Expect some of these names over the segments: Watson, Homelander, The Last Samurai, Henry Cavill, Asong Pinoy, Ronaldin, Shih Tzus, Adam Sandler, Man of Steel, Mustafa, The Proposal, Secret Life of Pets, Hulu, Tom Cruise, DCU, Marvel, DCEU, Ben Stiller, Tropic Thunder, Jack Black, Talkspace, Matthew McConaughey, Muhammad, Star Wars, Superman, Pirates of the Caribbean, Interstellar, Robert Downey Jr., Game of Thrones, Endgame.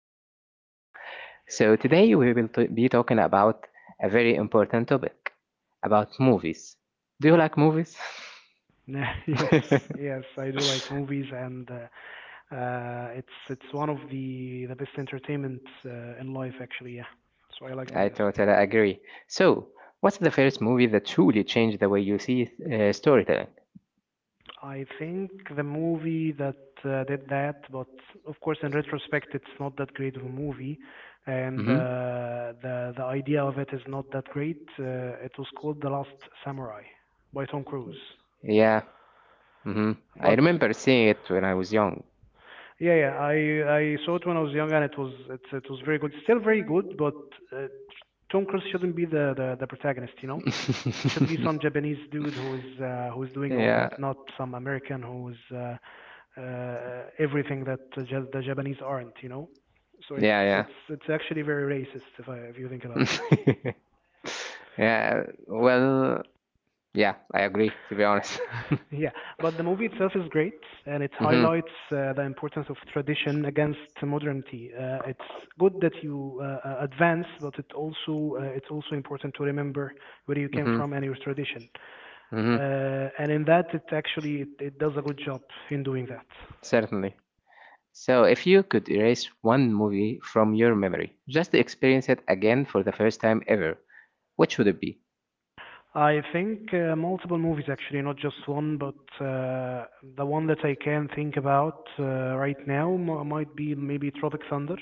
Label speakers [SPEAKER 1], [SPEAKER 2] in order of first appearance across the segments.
[SPEAKER 1] have you again. So, today we will be talking about a very important topic about movies. Do you like movies?
[SPEAKER 2] Yes, yes, I do like movies, and it's one of the best entertainment in life, actually. Yeah, so I like them.
[SPEAKER 1] I
[SPEAKER 2] Yes,
[SPEAKER 1] totally agree. So, what's the first movie that truly changed the way you see storytelling?
[SPEAKER 2] I think the movie that did that, but of course, in retrospect, it's not that great of a movie, and
[SPEAKER 1] Mhm.
[SPEAKER 2] the idea of it is not that great. It was called The Last Samurai by Tom Cruise.
[SPEAKER 1] Yeah, hmm. I
[SPEAKER 2] But
[SPEAKER 1] remember seeing it when I was young.
[SPEAKER 2] yeah, yeah, I saw it when I was young, and it was it was very good. Still very good, but uh, Tom Cruise shouldn't be the protagonist. You know, it should be some Japanese dude who is doing all
[SPEAKER 1] Yeah,
[SPEAKER 2] that, not some American who is everything that the Japanese aren't. You know, so it's
[SPEAKER 1] yeah, yeah.
[SPEAKER 2] it's it's actually very racist if you think about it.
[SPEAKER 1] Yeah, well, yeah, I agree, to be honest.
[SPEAKER 2] Yeah, but the movie itself is great, and it
[SPEAKER 1] Hmm.
[SPEAKER 2] highlights the importance of tradition against modernity. It's good that you advance, but it also it's also important to remember where you came
[SPEAKER 1] Hmm.
[SPEAKER 2] from and your tradition.
[SPEAKER 1] Hmm.
[SPEAKER 2] And in that, it, it does a good job in doing that.
[SPEAKER 1] Certainly. So, if you could erase one movie from your memory, just to experience it again for the first time ever, which would it be?
[SPEAKER 2] I think multiple movies actually, not just one, but uh, the one that I can think about right now might be maybe Tropic Thunder.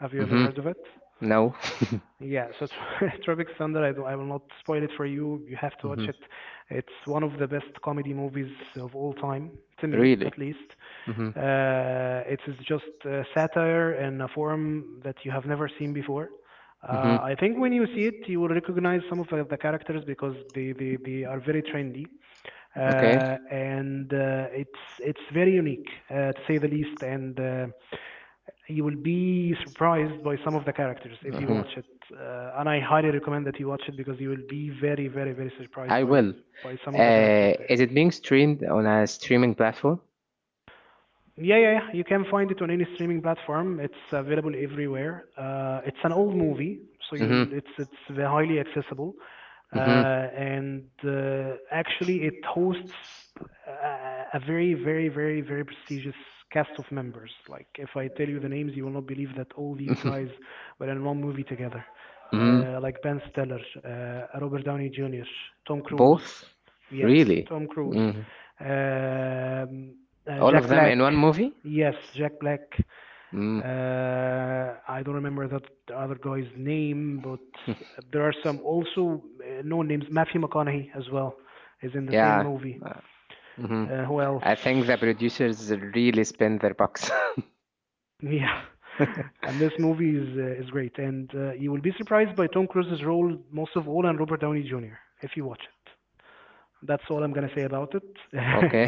[SPEAKER 2] Have you ever
[SPEAKER 1] Hmm.
[SPEAKER 2] heard of it?
[SPEAKER 1] No.
[SPEAKER 2] Yeah, so Tro- Tropic Thunder, I will not spoil it for you. You have to watch
[SPEAKER 1] Hmm.
[SPEAKER 2] it. It's one of the best comedy movies of all time, to me
[SPEAKER 1] Really?
[SPEAKER 2] at least.
[SPEAKER 1] Hmm.
[SPEAKER 2] It is just satire in a form that you have never seen before.
[SPEAKER 1] Hmm.
[SPEAKER 2] I think when you see it, you will recognize some of the characters because they are very trendy,
[SPEAKER 1] Okay.
[SPEAKER 2] and it's very unique to say the least. And you will be surprised by some of the characters if you
[SPEAKER 1] Hmm.
[SPEAKER 2] watch it. And I highly recommend that you watch it because you will be very, very, very surprised by some of the characters there.
[SPEAKER 1] Is it being streamed on a streaming platform?
[SPEAKER 2] Yeah, yeah, yeah. You can find it on any streaming platform. It's available everywhere. It's an old movie, so you'll it's highly accessible.
[SPEAKER 1] Mm-hmm.
[SPEAKER 2] And actually, it hosts a very prestigious cast of members. Like, if I tell you the names, you will not believe that all these guys were in one movie together.
[SPEAKER 1] Hmm.
[SPEAKER 2] Like Ben Stiller, Robert Downey Jr., Tom Cruise.
[SPEAKER 1] Both?
[SPEAKER 2] Yes,
[SPEAKER 1] Really?
[SPEAKER 2] Tom Cruise.
[SPEAKER 1] Mm.
[SPEAKER 2] Um,
[SPEAKER 1] All of
[SPEAKER 2] Jack
[SPEAKER 1] them
[SPEAKER 2] Black.
[SPEAKER 1] in one movie?
[SPEAKER 2] Yes, Jack Black.
[SPEAKER 1] Mm.
[SPEAKER 2] I don't remember that other guy's name, but there are some also known names. Matthew McConaughey as well is in the same
[SPEAKER 1] Yeah.
[SPEAKER 2] movie.
[SPEAKER 1] Uh, mhm.
[SPEAKER 2] Who else?
[SPEAKER 1] I think the producers really spend their bucks.
[SPEAKER 2] Yeah, and this movie is great, and you will be surprised by Tom Cruise's role most of all and Robert Downey Jr. if you watch it. That's all I'm gonna say about it
[SPEAKER 1] Okay.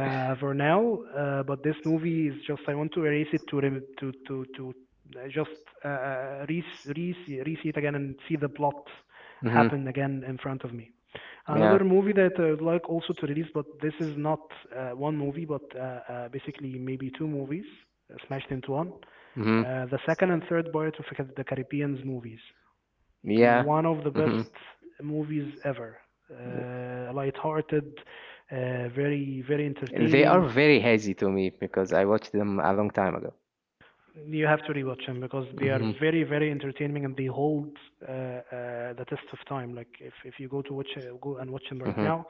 [SPEAKER 2] for now. But this movie is just I want to erase it to rem- to just re re re-see it again and see the plot
[SPEAKER 1] Hmm.
[SPEAKER 2] happen again in front of me.
[SPEAKER 1] Yeah.
[SPEAKER 2] Another movie that I would like also to release, but this is not one movie, but basically maybe two movies smashed into one.
[SPEAKER 1] Hmm.
[SPEAKER 2] The second and third part of the Caribbean's movies. Yeah.
[SPEAKER 1] Yeah.
[SPEAKER 2] One of the best
[SPEAKER 1] Hmm.
[SPEAKER 2] movies ever. Lighthearted, very very Yeah,
[SPEAKER 1] They are
[SPEAKER 2] entertaining.
[SPEAKER 1] very hazy to me because I watched them a long time ago.
[SPEAKER 2] You have to rewatch them because they are
[SPEAKER 1] Hmm.
[SPEAKER 2] very very entertaining and they hold uh, uh, the test of time. Like if you go to watch go and watch them right
[SPEAKER 1] Hmm.
[SPEAKER 2] now,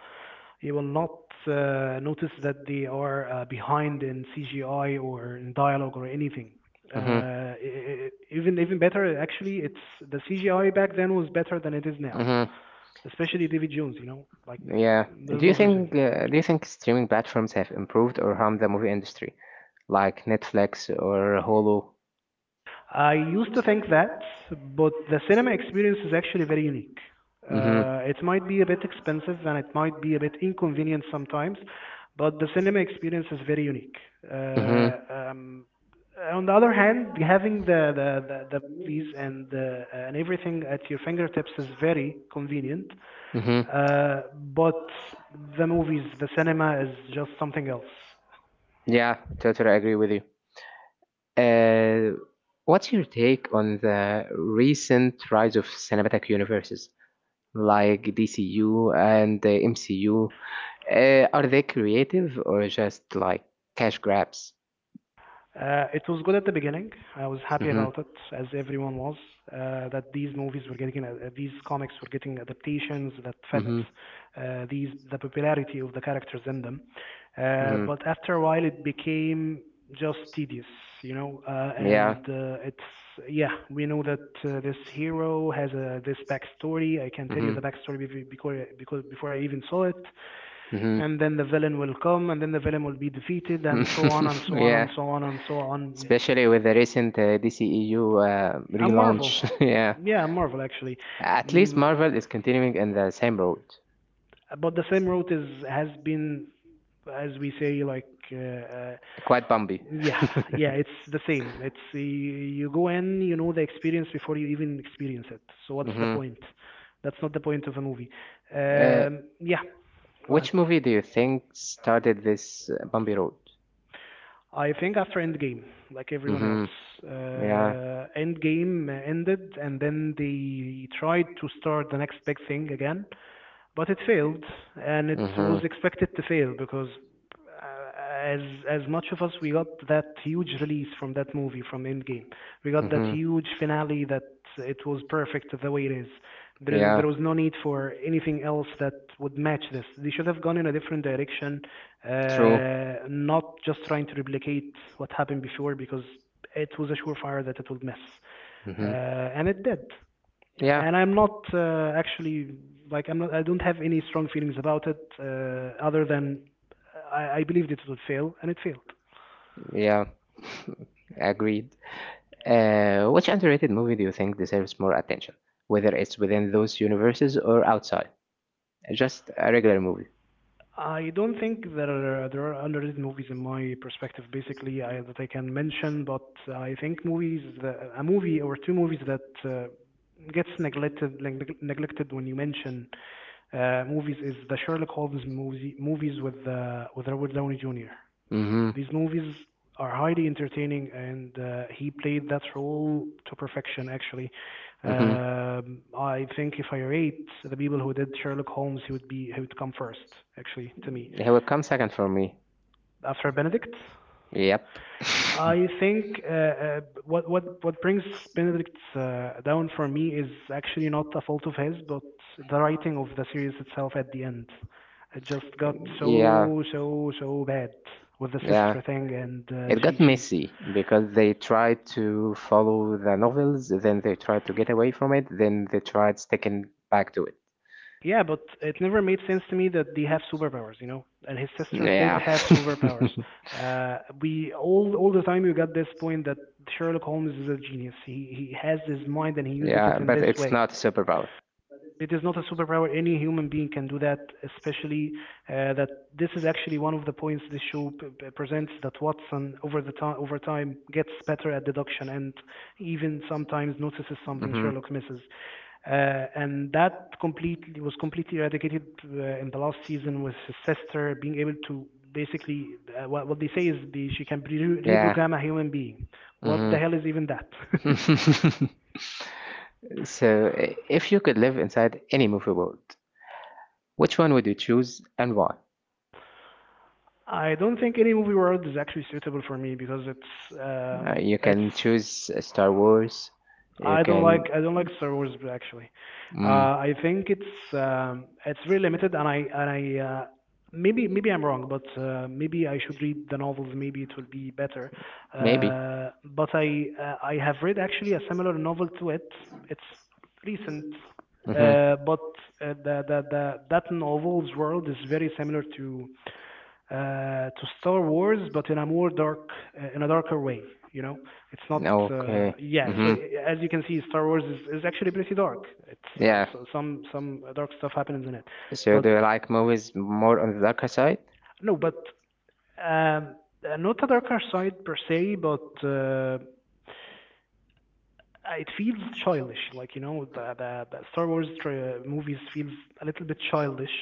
[SPEAKER 2] you will not notice that they are behind in CGI or in dialogue or anything.
[SPEAKER 1] Hmm.
[SPEAKER 2] Uh, e- e- e, even better actually, it's the CGI back then was better than it is now,
[SPEAKER 1] Hmm.
[SPEAKER 2] especially David Jones, you know, like
[SPEAKER 1] Yeah.
[SPEAKER 2] there's
[SPEAKER 1] Do you
[SPEAKER 2] no such thing.
[SPEAKER 1] think uh, do you think streaming platforms have improved or harmed the movie industry, like Netflix or Hulu?
[SPEAKER 2] I used to think that, but the cinema experience is actually very unique.
[SPEAKER 1] Mm-hmm.
[SPEAKER 2] It might be a bit expensive and it might be a bit inconvenient sometimes, but the cinema experience is very unique.
[SPEAKER 1] Mm-hmm.
[SPEAKER 2] Uh, um, on the other hand, having the movies and everything at your fingertips is very convenient.
[SPEAKER 1] Mm-hmm. Mm-hmm.
[SPEAKER 2] Uh, but the movies, the cinema is just something else.
[SPEAKER 1] Yeah, I totally agree with you. Uh, what's your take on the recent rise of cinematic universes like DCU and the MCU? Are they creative or just like cash grabs?
[SPEAKER 2] It was good at the beginning. I was happy about it, as everyone was, that these movies were getting, these comics were getting adaptations that fit these the popularity of the characters in them.
[SPEAKER 1] Mhm.
[SPEAKER 2] But after a while, it became just tedious, you know. And it's yeah, we know that this hero has a this backstory. I can tell you the backstory before because before I even saw it.
[SPEAKER 1] Mhm.
[SPEAKER 2] And then the villain will come, and then the villain will be defeated, and so on and so on and so on and so on.
[SPEAKER 1] Especially with the recent DCEU uh,
[SPEAKER 2] A Marvel,
[SPEAKER 1] relaunch. Yeah.
[SPEAKER 2] yeah, a Marvel actually.
[SPEAKER 1] At least yeah,
[SPEAKER 2] Mm,
[SPEAKER 1] Marvel is continuing in the same road.
[SPEAKER 2] but the same route is has been, as we say, like. Uh, uh,
[SPEAKER 1] Quite bumpy.
[SPEAKER 2] Yeah, yeah, it's the same. It's you go in, you know the experience before you even experience it. So what's the
[SPEAKER 1] Hmm.
[SPEAKER 2] point? That's not the point of a movie.
[SPEAKER 1] Uh,
[SPEAKER 2] Yeah, go ahead.
[SPEAKER 1] which movie do you think started this bumpy road?
[SPEAKER 2] I think after Endgame, like everyone else,
[SPEAKER 1] Hmm. Yeah.
[SPEAKER 2] Endgame ended, and then they tried to start the next big thing again, but it failed, and it
[SPEAKER 1] Hmm.
[SPEAKER 2] was expected to fail because uh, as as much of us we got that huge release from that movie from Endgame, we got that
[SPEAKER 1] Hmm.
[SPEAKER 2] huge finale that it was perfect the way it is.
[SPEAKER 1] Yeah.
[SPEAKER 2] There was no need for anything else that would match this. They should have gone in a different direction,
[SPEAKER 1] True.
[SPEAKER 2] not just
[SPEAKER 1] Hmm.
[SPEAKER 2] trying to replicate what happened before because it was a surefire that it would mess, and it did,
[SPEAKER 1] Yeah.
[SPEAKER 2] and I'm not actually I'm not I don't have any strong feelings about it other than I believed it would fail and it failed.
[SPEAKER 1] Yeah. Agreed. Which underrated movie do you think deserves more attention, whether it's within those universes or outside? Just a regular movie.
[SPEAKER 2] I don't think there are underrated movies in my perspective basically that I can mention, but I think a movie or two movies that gets neglected when you mention movies is the Sherlock Holmes movie, movies with Robert Downey Jr.
[SPEAKER 1] Mm-hmm.
[SPEAKER 2] These movies are highly entertaining, and he played that role to perfection, actually.
[SPEAKER 1] Mm-hmm.
[SPEAKER 2] I think if I rate the people who did Sherlock Holmes, he would be he would come first, actually, to me.
[SPEAKER 1] He will come second for me.
[SPEAKER 2] After Benedict,
[SPEAKER 1] Yep.
[SPEAKER 2] I think what brings Benedict down for me is actually not a fault of his, but the writing of the series itself at the end. It just got
[SPEAKER 1] Yeah.
[SPEAKER 2] so bad with the
[SPEAKER 1] Yeah.
[SPEAKER 2] sister thing, and
[SPEAKER 1] It got
[SPEAKER 2] she.
[SPEAKER 1] messy because they tried to follow the novels, then they tried to get away from it, then they tried sticking back to it.
[SPEAKER 2] Yeah, but it never made sense to me that they have superpowers, you know. And his sister did
[SPEAKER 1] Yeah.
[SPEAKER 2] have superpowers. We all the time we got this point that Sherlock Holmes is a genius. He has his mind and he uses it
[SPEAKER 1] Yeah,
[SPEAKER 2] in
[SPEAKER 1] but
[SPEAKER 2] this
[SPEAKER 1] it's
[SPEAKER 2] way.
[SPEAKER 1] not a superpower.
[SPEAKER 2] It is not a superpower. Any human being can do that, especially that this is actually one of the points this show presents, that Watson over time gets better at deduction and even sometimes notices something
[SPEAKER 1] Mhm.
[SPEAKER 2] Sherlock misses. And that completely eradicated in the last season with his sister being able to basically what they say is she can
[SPEAKER 1] Yeah.
[SPEAKER 2] reprogram a human being. What
[SPEAKER 1] Hmm.
[SPEAKER 2] the hell is even that?
[SPEAKER 1] So, if you could live inside any movie world, which one would you choose and why?
[SPEAKER 2] I don't think any movie world is actually suitable for me because
[SPEAKER 1] You
[SPEAKER 2] it's
[SPEAKER 1] can choose Star Wars. You
[SPEAKER 2] I don't like Star Wars actually. Uh,
[SPEAKER 1] mm,
[SPEAKER 2] I think it's very limited, and I maybe I'm wrong, but maybe I should read the novels. Maybe it will be better. But I have read actually a similar novel to it. It's recent,
[SPEAKER 1] Mm-hmm.
[SPEAKER 2] but the that novel's world is very similar to Star Wars, but in a more dark in a darker way. You know. It's not,
[SPEAKER 1] uh,
[SPEAKER 2] yeah. So as you can see, Star Wars is actually pretty dark. It's
[SPEAKER 1] Yeah.
[SPEAKER 2] so some dark stuff happens in it,
[SPEAKER 1] So
[SPEAKER 2] but
[SPEAKER 1] do you like movies more on the darker side?
[SPEAKER 2] no, but um, not a darker side per se, but it feels childish. Like you know, the Star Wars movies feels a little bit childish,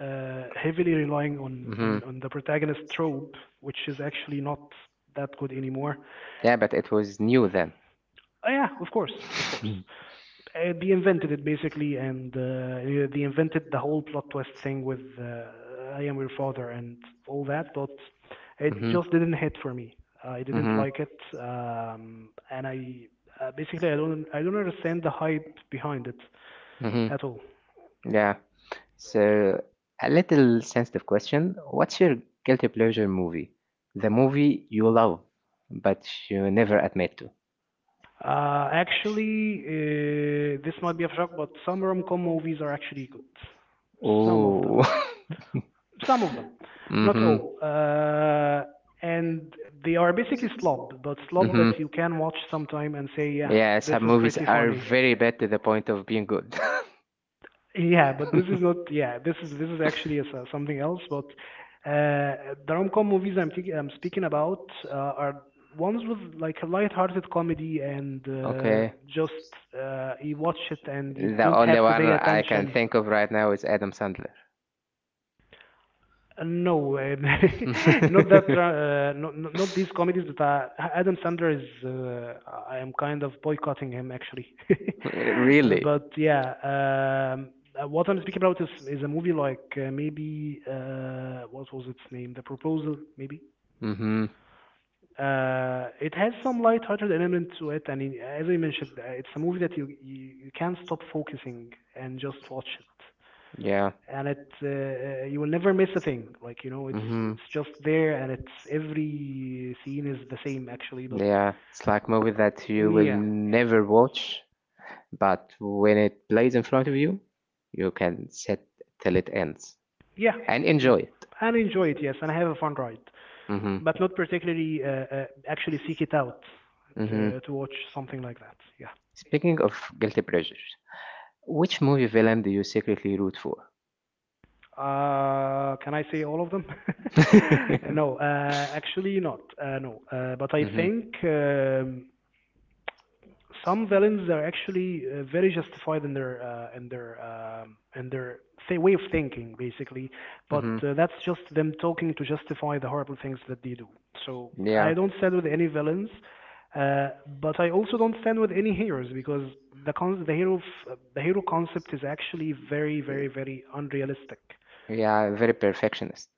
[SPEAKER 2] heavily relying on the protagonist trope, which is actually not that good anymore.
[SPEAKER 1] Yeah, but it was new then.
[SPEAKER 2] Oh yeah, of course, of course. They invented it basically, and yeah, they invented the whole plot twist thing with "I am your father" and all that, but it just didn't hit for me. I didn't
[SPEAKER 1] Mm-hmm.
[SPEAKER 2] like it, and I basically I don't understand the hype behind it
[SPEAKER 1] Mm-hmm.
[SPEAKER 2] at all.
[SPEAKER 1] Yeah. So, a little sensitive question. What's your guilty pleasure movie? The movie you love, but you never admit to.
[SPEAKER 2] Actually, this might be a shock, but some rom-com movies are actually good. Some of them.
[SPEAKER 1] Oh.
[SPEAKER 2] Some of them, not
[SPEAKER 1] Mm-hmm.
[SPEAKER 2] all. And they are basically slob, but slob
[SPEAKER 1] Mm-hmm.
[SPEAKER 2] that you can watch sometime and say, yeah,
[SPEAKER 1] Yeah,
[SPEAKER 2] this
[SPEAKER 1] some
[SPEAKER 2] is
[SPEAKER 1] movies
[SPEAKER 2] pretty
[SPEAKER 1] are
[SPEAKER 2] funny.
[SPEAKER 1] very bad to the point of being good.
[SPEAKER 2] Yeah, but this is not. Yeah, this is actually a s something else. But the rom-com movies I'm thinking, I'm speaking about are ones with like a light-hearted comedy and
[SPEAKER 1] Okay.
[SPEAKER 2] just you watch it and you
[SPEAKER 1] The
[SPEAKER 2] don't
[SPEAKER 1] only
[SPEAKER 2] have to
[SPEAKER 1] one
[SPEAKER 2] pay
[SPEAKER 1] I can
[SPEAKER 2] attention.
[SPEAKER 1] think of right now is Adam Sandler.
[SPEAKER 2] No, not that. Not these comedies. But Adam Sandler is. I am kind of boycotting him actually.
[SPEAKER 1] Really?
[SPEAKER 2] But yeah, what I'm speaking about is a movie like maybe what was its name? The Proposal, maybe.
[SPEAKER 1] Mm-hmm.
[SPEAKER 2] It has some light-hearted element to it, and as I mentioned, it's a movie that you can't stop focusing and just watch it
[SPEAKER 1] Yeah.
[SPEAKER 2] and it you will never miss a thing. Like you know, it's
[SPEAKER 1] Mm-hmm.
[SPEAKER 2] it's just there, and it's every scene is the same actually. But
[SPEAKER 1] Yeah, it's like movie that you will
[SPEAKER 2] yeah,
[SPEAKER 1] never watch, but when it plays in front of you, you can sit till it ends
[SPEAKER 2] yeah,
[SPEAKER 1] and
[SPEAKER 2] yeah,
[SPEAKER 1] enjoy it.
[SPEAKER 2] and enjoy it. Yes, and have a fun ride,
[SPEAKER 1] Mm-hmm.
[SPEAKER 2] but not particularly actually seek it out
[SPEAKER 1] Mm-hmm.
[SPEAKER 2] to watch something like that. Yeah.
[SPEAKER 1] Speaking of guilty pleasures, which movie villain do you secretly root for?
[SPEAKER 2] Can I say all of them? No, actually not. No, but I
[SPEAKER 1] Hmm.
[SPEAKER 2] think. Some villains are actually very justified in their in their in their way of thinking, basically. But
[SPEAKER 1] Hmm.
[SPEAKER 2] that's just them talking to justify the horrible things that they do. So I
[SPEAKER 1] Yeah.
[SPEAKER 2] don't stand with any villains, but I also don't stand with any heroes because the hero concept is actually very unrealistic,
[SPEAKER 1] Yeah, very perfectionist.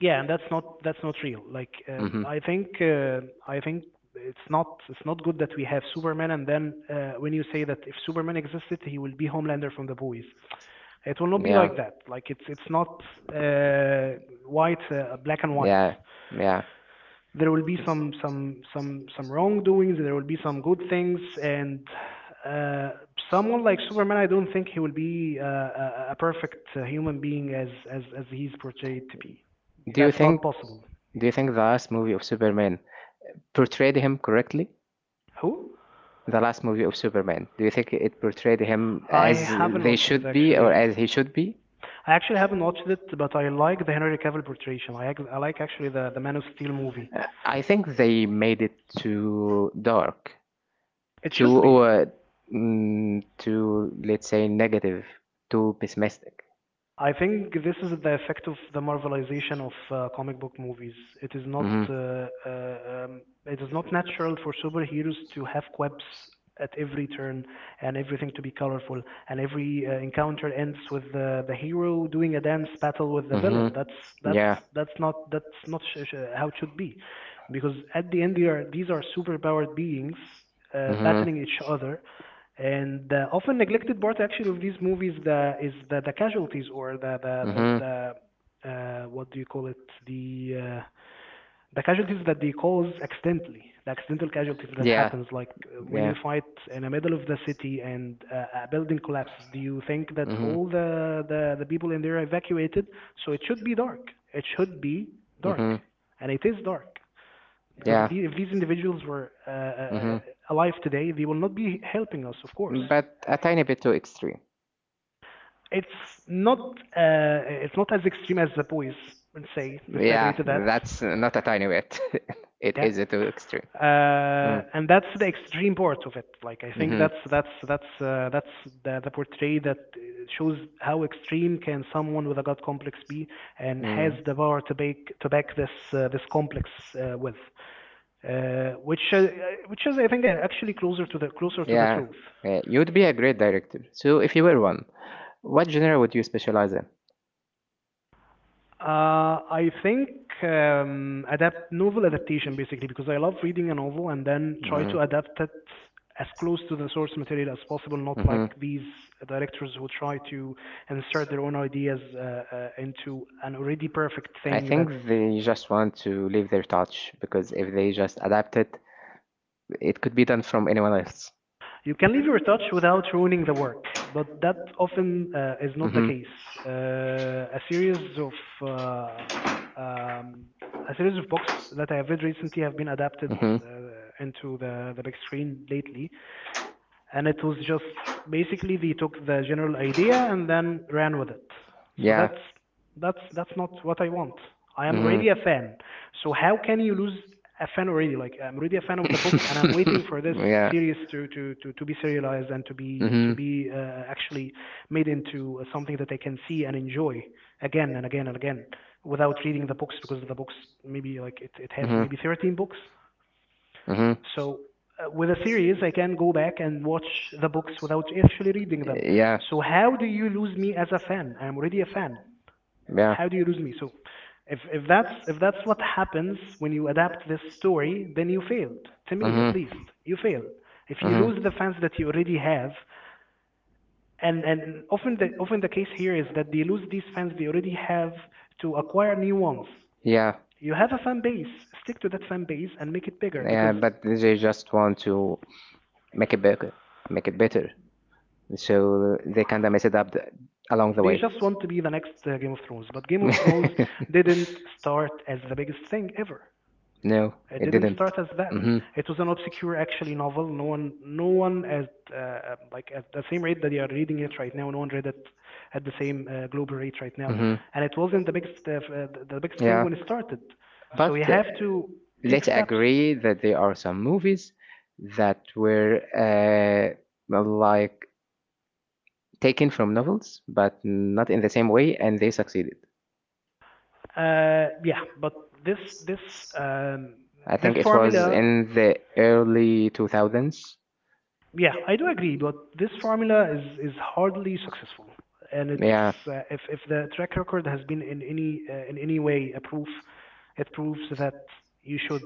[SPEAKER 2] yeah, and that's not real. Like
[SPEAKER 1] Hmm.
[SPEAKER 2] I think it's not good that we have Superman, and then when you say that if Superman existed he will be Homelander from the boys. It will not be
[SPEAKER 1] Yeah.
[SPEAKER 2] like that. Like it's not uh, white black and white.
[SPEAKER 1] Yeah. Yeah.
[SPEAKER 2] There will be some wrongdoings. There will be some good things and. Uh, someone like Superman, I don't think he will be a perfect human being as he's portrayed to be.
[SPEAKER 1] Do you
[SPEAKER 2] That's not
[SPEAKER 1] think
[SPEAKER 2] possible.
[SPEAKER 1] do you think the last movie of Superman portrayed him correctly?
[SPEAKER 2] Who?
[SPEAKER 1] The last movie of Superman. Do you think it portrayed him
[SPEAKER 2] I
[SPEAKER 1] as
[SPEAKER 2] haven't
[SPEAKER 1] they
[SPEAKER 2] watched it
[SPEAKER 1] should be or
[SPEAKER 2] actually.
[SPEAKER 1] as he should be?
[SPEAKER 2] I actually haven't watched it, but I like the Henry Cavill portrayal. I, I like actually the Man of Steel movie.
[SPEAKER 1] I think they made it too dark,
[SPEAKER 2] It
[SPEAKER 1] too
[SPEAKER 2] should be.
[SPEAKER 1] sure, too, let's say, negative, too pessimistic.
[SPEAKER 2] I think this is the effect of the marvelization of comic book movies. It is not uh, uh, it is not natural for superheroes to have quips at every turn and everything to be colorful and every encounter ends with the hero doing a dance battle with the villain. That's that's not how it should be, because at the end they are these are superpowered beings
[SPEAKER 1] should-
[SPEAKER 2] battling each other, and the often neglected part actually of these movies the, is the casualties or the the the,
[SPEAKER 1] the
[SPEAKER 2] the what do you call it, the uh, the casualties that they cause accidentally, the accidental casualties
[SPEAKER 1] like
[SPEAKER 2] that happens like when
[SPEAKER 1] yeah.
[SPEAKER 2] you fight in the middle of the city and a
[SPEAKER 1] A
[SPEAKER 2] building collapses, do you think that all the people in there evacuated? So it should be dark, it should be dark,
[SPEAKER 1] Mm-hmm.
[SPEAKER 2] and it is dark. Yeah. Because the,
[SPEAKER 1] Yeah.
[SPEAKER 2] if these individuals were
[SPEAKER 1] Mm-hmm.
[SPEAKER 2] alive today they will not be helping us of course.
[SPEAKER 1] But a tiny bit too extreme.
[SPEAKER 2] It's not it's not as extreme as the boys would say. Let's agree
[SPEAKER 1] Yeah,
[SPEAKER 2] to that.
[SPEAKER 1] that's not a tiny bit. It
[SPEAKER 2] Yeah.
[SPEAKER 1] is a too extreme.
[SPEAKER 2] And that's the extreme part of it. Like I think that's the portray that shows how extreme can someone with a god complex be, and has
[SPEAKER 1] That
[SPEAKER 2] the power to back this this complex with, uh, which uh, which is I think actually closer to the
[SPEAKER 1] yeah,
[SPEAKER 2] truth.
[SPEAKER 1] yeah, you'd be a great director. So, if you were one, what genre would you specialize in?
[SPEAKER 2] I think adapt novel adaptation basically because I love reading a novel and then try
[SPEAKER 1] Mhm.
[SPEAKER 2] to adapt it as close to the source material as possible, not
[SPEAKER 1] Mhm.
[SPEAKER 2] like these directors who try to insert their own ideas into an already perfect
[SPEAKER 1] I
[SPEAKER 2] thing
[SPEAKER 1] think
[SPEAKER 2] that
[SPEAKER 1] they just want to leave their touch because if they just adapt it, it could be done from anyone else.
[SPEAKER 2] You can leave your touch without ruining the work, but that often is not the
[SPEAKER 1] Mhm.
[SPEAKER 2] case. Uh, a series of uh, um, a series of books that I have read recently have been adapted
[SPEAKER 1] Mhm.
[SPEAKER 2] uh, into the big screen lately, and it was just basically they took the general idea and then ran with it. So
[SPEAKER 1] Yeah.
[SPEAKER 2] that's that's not what I want. I
[SPEAKER 1] Mm
[SPEAKER 2] am
[SPEAKER 1] hmm.
[SPEAKER 2] already a fan. So how can you lose a fan already? Like I'm already a fan of the book, and I'm waiting for this series to be serialized and to
[SPEAKER 1] Mhm.
[SPEAKER 2] be actually made into something that I can see and enjoy again and again and again without reading the books, because the books maybe like it has maybe 13 books
[SPEAKER 1] Mm hmm.
[SPEAKER 2] so with a
[SPEAKER 1] Uh,
[SPEAKER 2] series, I can go back and watch the books without actually reading them.
[SPEAKER 1] Yeah.
[SPEAKER 2] So how do you lose me as a fan? I'm already a fan.
[SPEAKER 1] Yeah.
[SPEAKER 2] How do you lose me? So if that's what happens when you adapt this story, then you failed. To me, at least, you failed. If you
[SPEAKER 1] Hmm.
[SPEAKER 2] lose the fans that you already have, and often the case here is that they lose these fans they already have to acquire new ones.
[SPEAKER 1] Yeah,
[SPEAKER 2] You have a fan base. Stick to that fan base and make it bigger because
[SPEAKER 1] they just want to make it better, make it better. So they kind of mess it up along the
[SPEAKER 2] They just want to be the next Game of Thrones. But Game of Thrones didn't start as the biggest thing ever.
[SPEAKER 1] no,
[SPEAKER 2] It
[SPEAKER 1] it
[SPEAKER 2] didn't
[SPEAKER 1] didn't.
[SPEAKER 2] start as that.
[SPEAKER 1] Hmm.
[SPEAKER 2] It was an obscure, actually, novel. No one, no one at like at the same rate that they are reading it right now. No one read it at the same global rate right now.
[SPEAKER 1] Hmm.
[SPEAKER 2] And it wasn't the biggest, the biggest thing when it
[SPEAKER 1] So
[SPEAKER 2] started. So
[SPEAKER 1] but
[SPEAKER 2] you have to take steps.
[SPEAKER 1] agree that there are some movies that were like taken from novels, but not in the same way, and they succeeded.
[SPEAKER 2] Yeah, but this um,
[SPEAKER 1] I
[SPEAKER 2] this
[SPEAKER 1] think
[SPEAKER 2] formula.
[SPEAKER 1] in the early 2000s.
[SPEAKER 2] Yeah, I do agree, but this formula is hardly successful, and it's if the track record has been in any way a proof, it proves that you should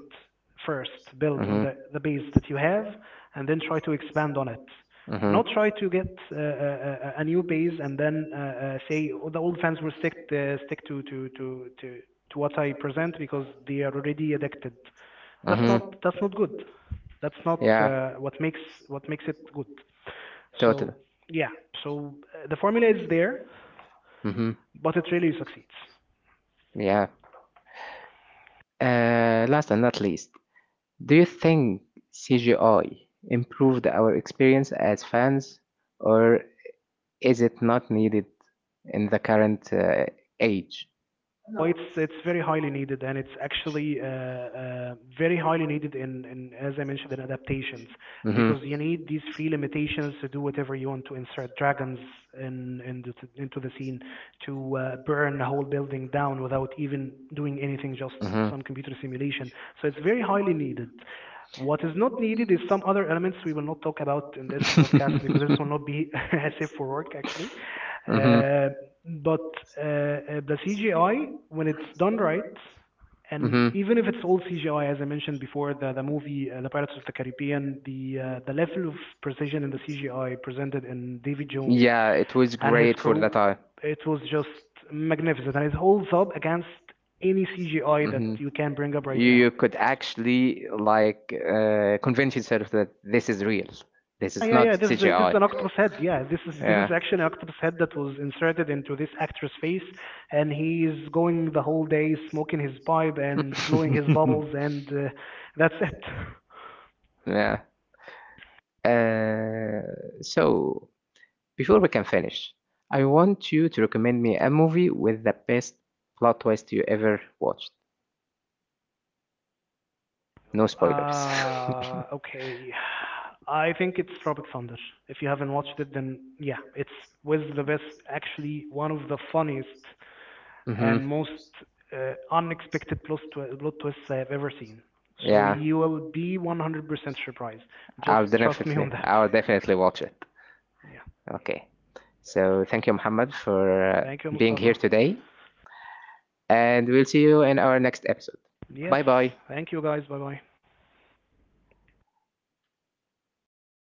[SPEAKER 2] first build on the base that you have, and then try to expand on it, not
[SPEAKER 1] Mm-hmm,
[SPEAKER 2] try to get a, new base and then say "Oh, the old fans will stick stick to what I present because they are already addicted,
[SPEAKER 1] that's
[SPEAKER 2] that's not good, that's not what makes what makes it good, so yeah, so the formula is there,
[SPEAKER 1] Mm-hmm,
[SPEAKER 2] but it really succeeds.
[SPEAKER 1] yeah. Last and not least, do you think CGI improved our experience as fans, or is it not needed in the current age?
[SPEAKER 2] Well, it's very highly needed, and it's actually uh, very highly needed in as I mentioned in adaptations
[SPEAKER 1] Hmm.
[SPEAKER 2] because you need these free limitations to do whatever you want, to insert dragons in, in the, into the scene, to burn a whole building down without even doing anything, just some computer simulation, so it's very highly needed. What is not needed is some other elements we will not talk about in this podcast because it will not be safe for work actually.
[SPEAKER 1] Hmm.
[SPEAKER 2] Uh, but uh, uh, the CGI, when it's done right,
[SPEAKER 1] Mm-hmm.
[SPEAKER 2] and
[SPEAKER 1] Even
[SPEAKER 2] even if it's all CGI, as I mentioned before, the movie, The Pirates of the Caribbean, the level of precision in the CGI presented in Davy Jones
[SPEAKER 1] yeah, it was
[SPEAKER 2] and his
[SPEAKER 1] great.
[SPEAKER 2] crew, it was just magnificent, and it holds up against any CGI that you can bring up right now.
[SPEAKER 1] You could actually like convince yourself that this is real. This
[SPEAKER 2] Yeah, yeah, yeah, this is a, this is
[SPEAKER 1] CGI.
[SPEAKER 2] an octopus head. Yeah, this is. Yeah, this is actually an octopus head that was inserted into this actor's face, and he's going the whole day smoking his pipe and blowing his bubbles, and that's it.
[SPEAKER 1] Yeah. Uh, so before we can finish, I want you to recommend me a movie with the best plot twist you ever watched. No spoilers.
[SPEAKER 2] Okay, I think it's Tropic Thunder. If you haven't watched it, then yeah, it's was the best, actually one of the funniest
[SPEAKER 1] Hmm.
[SPEAKER 2] and most unexpected plot twists I have ever seen. So
[SPEAKER 1] Yeah,
[SPEAKER 2] you will be 100% surprised. Just
[SPEAKER 1] I'll
[SPEAKER 2] trust me on
[SPEAKER 1] definitely,
[SPEAKER 2] that.
[SPEAKER 1] I'll definitely watch it.
[SPEAKER 2] Yeah.
[SPEAKER 1] Okay. So thank you, Muhammad, for
[SPEAKER 2] Thank you,
[SPEAKER 1] being here
[SPEAKER 2] Mustafa.
[SPEAKER 1] today, and we'll see you in our next episode.
[SPEAKER 2] Yes.
[SPEAKER 1] Bye bye.
[SPEAKER 2] Thank you, guys. Bye bye.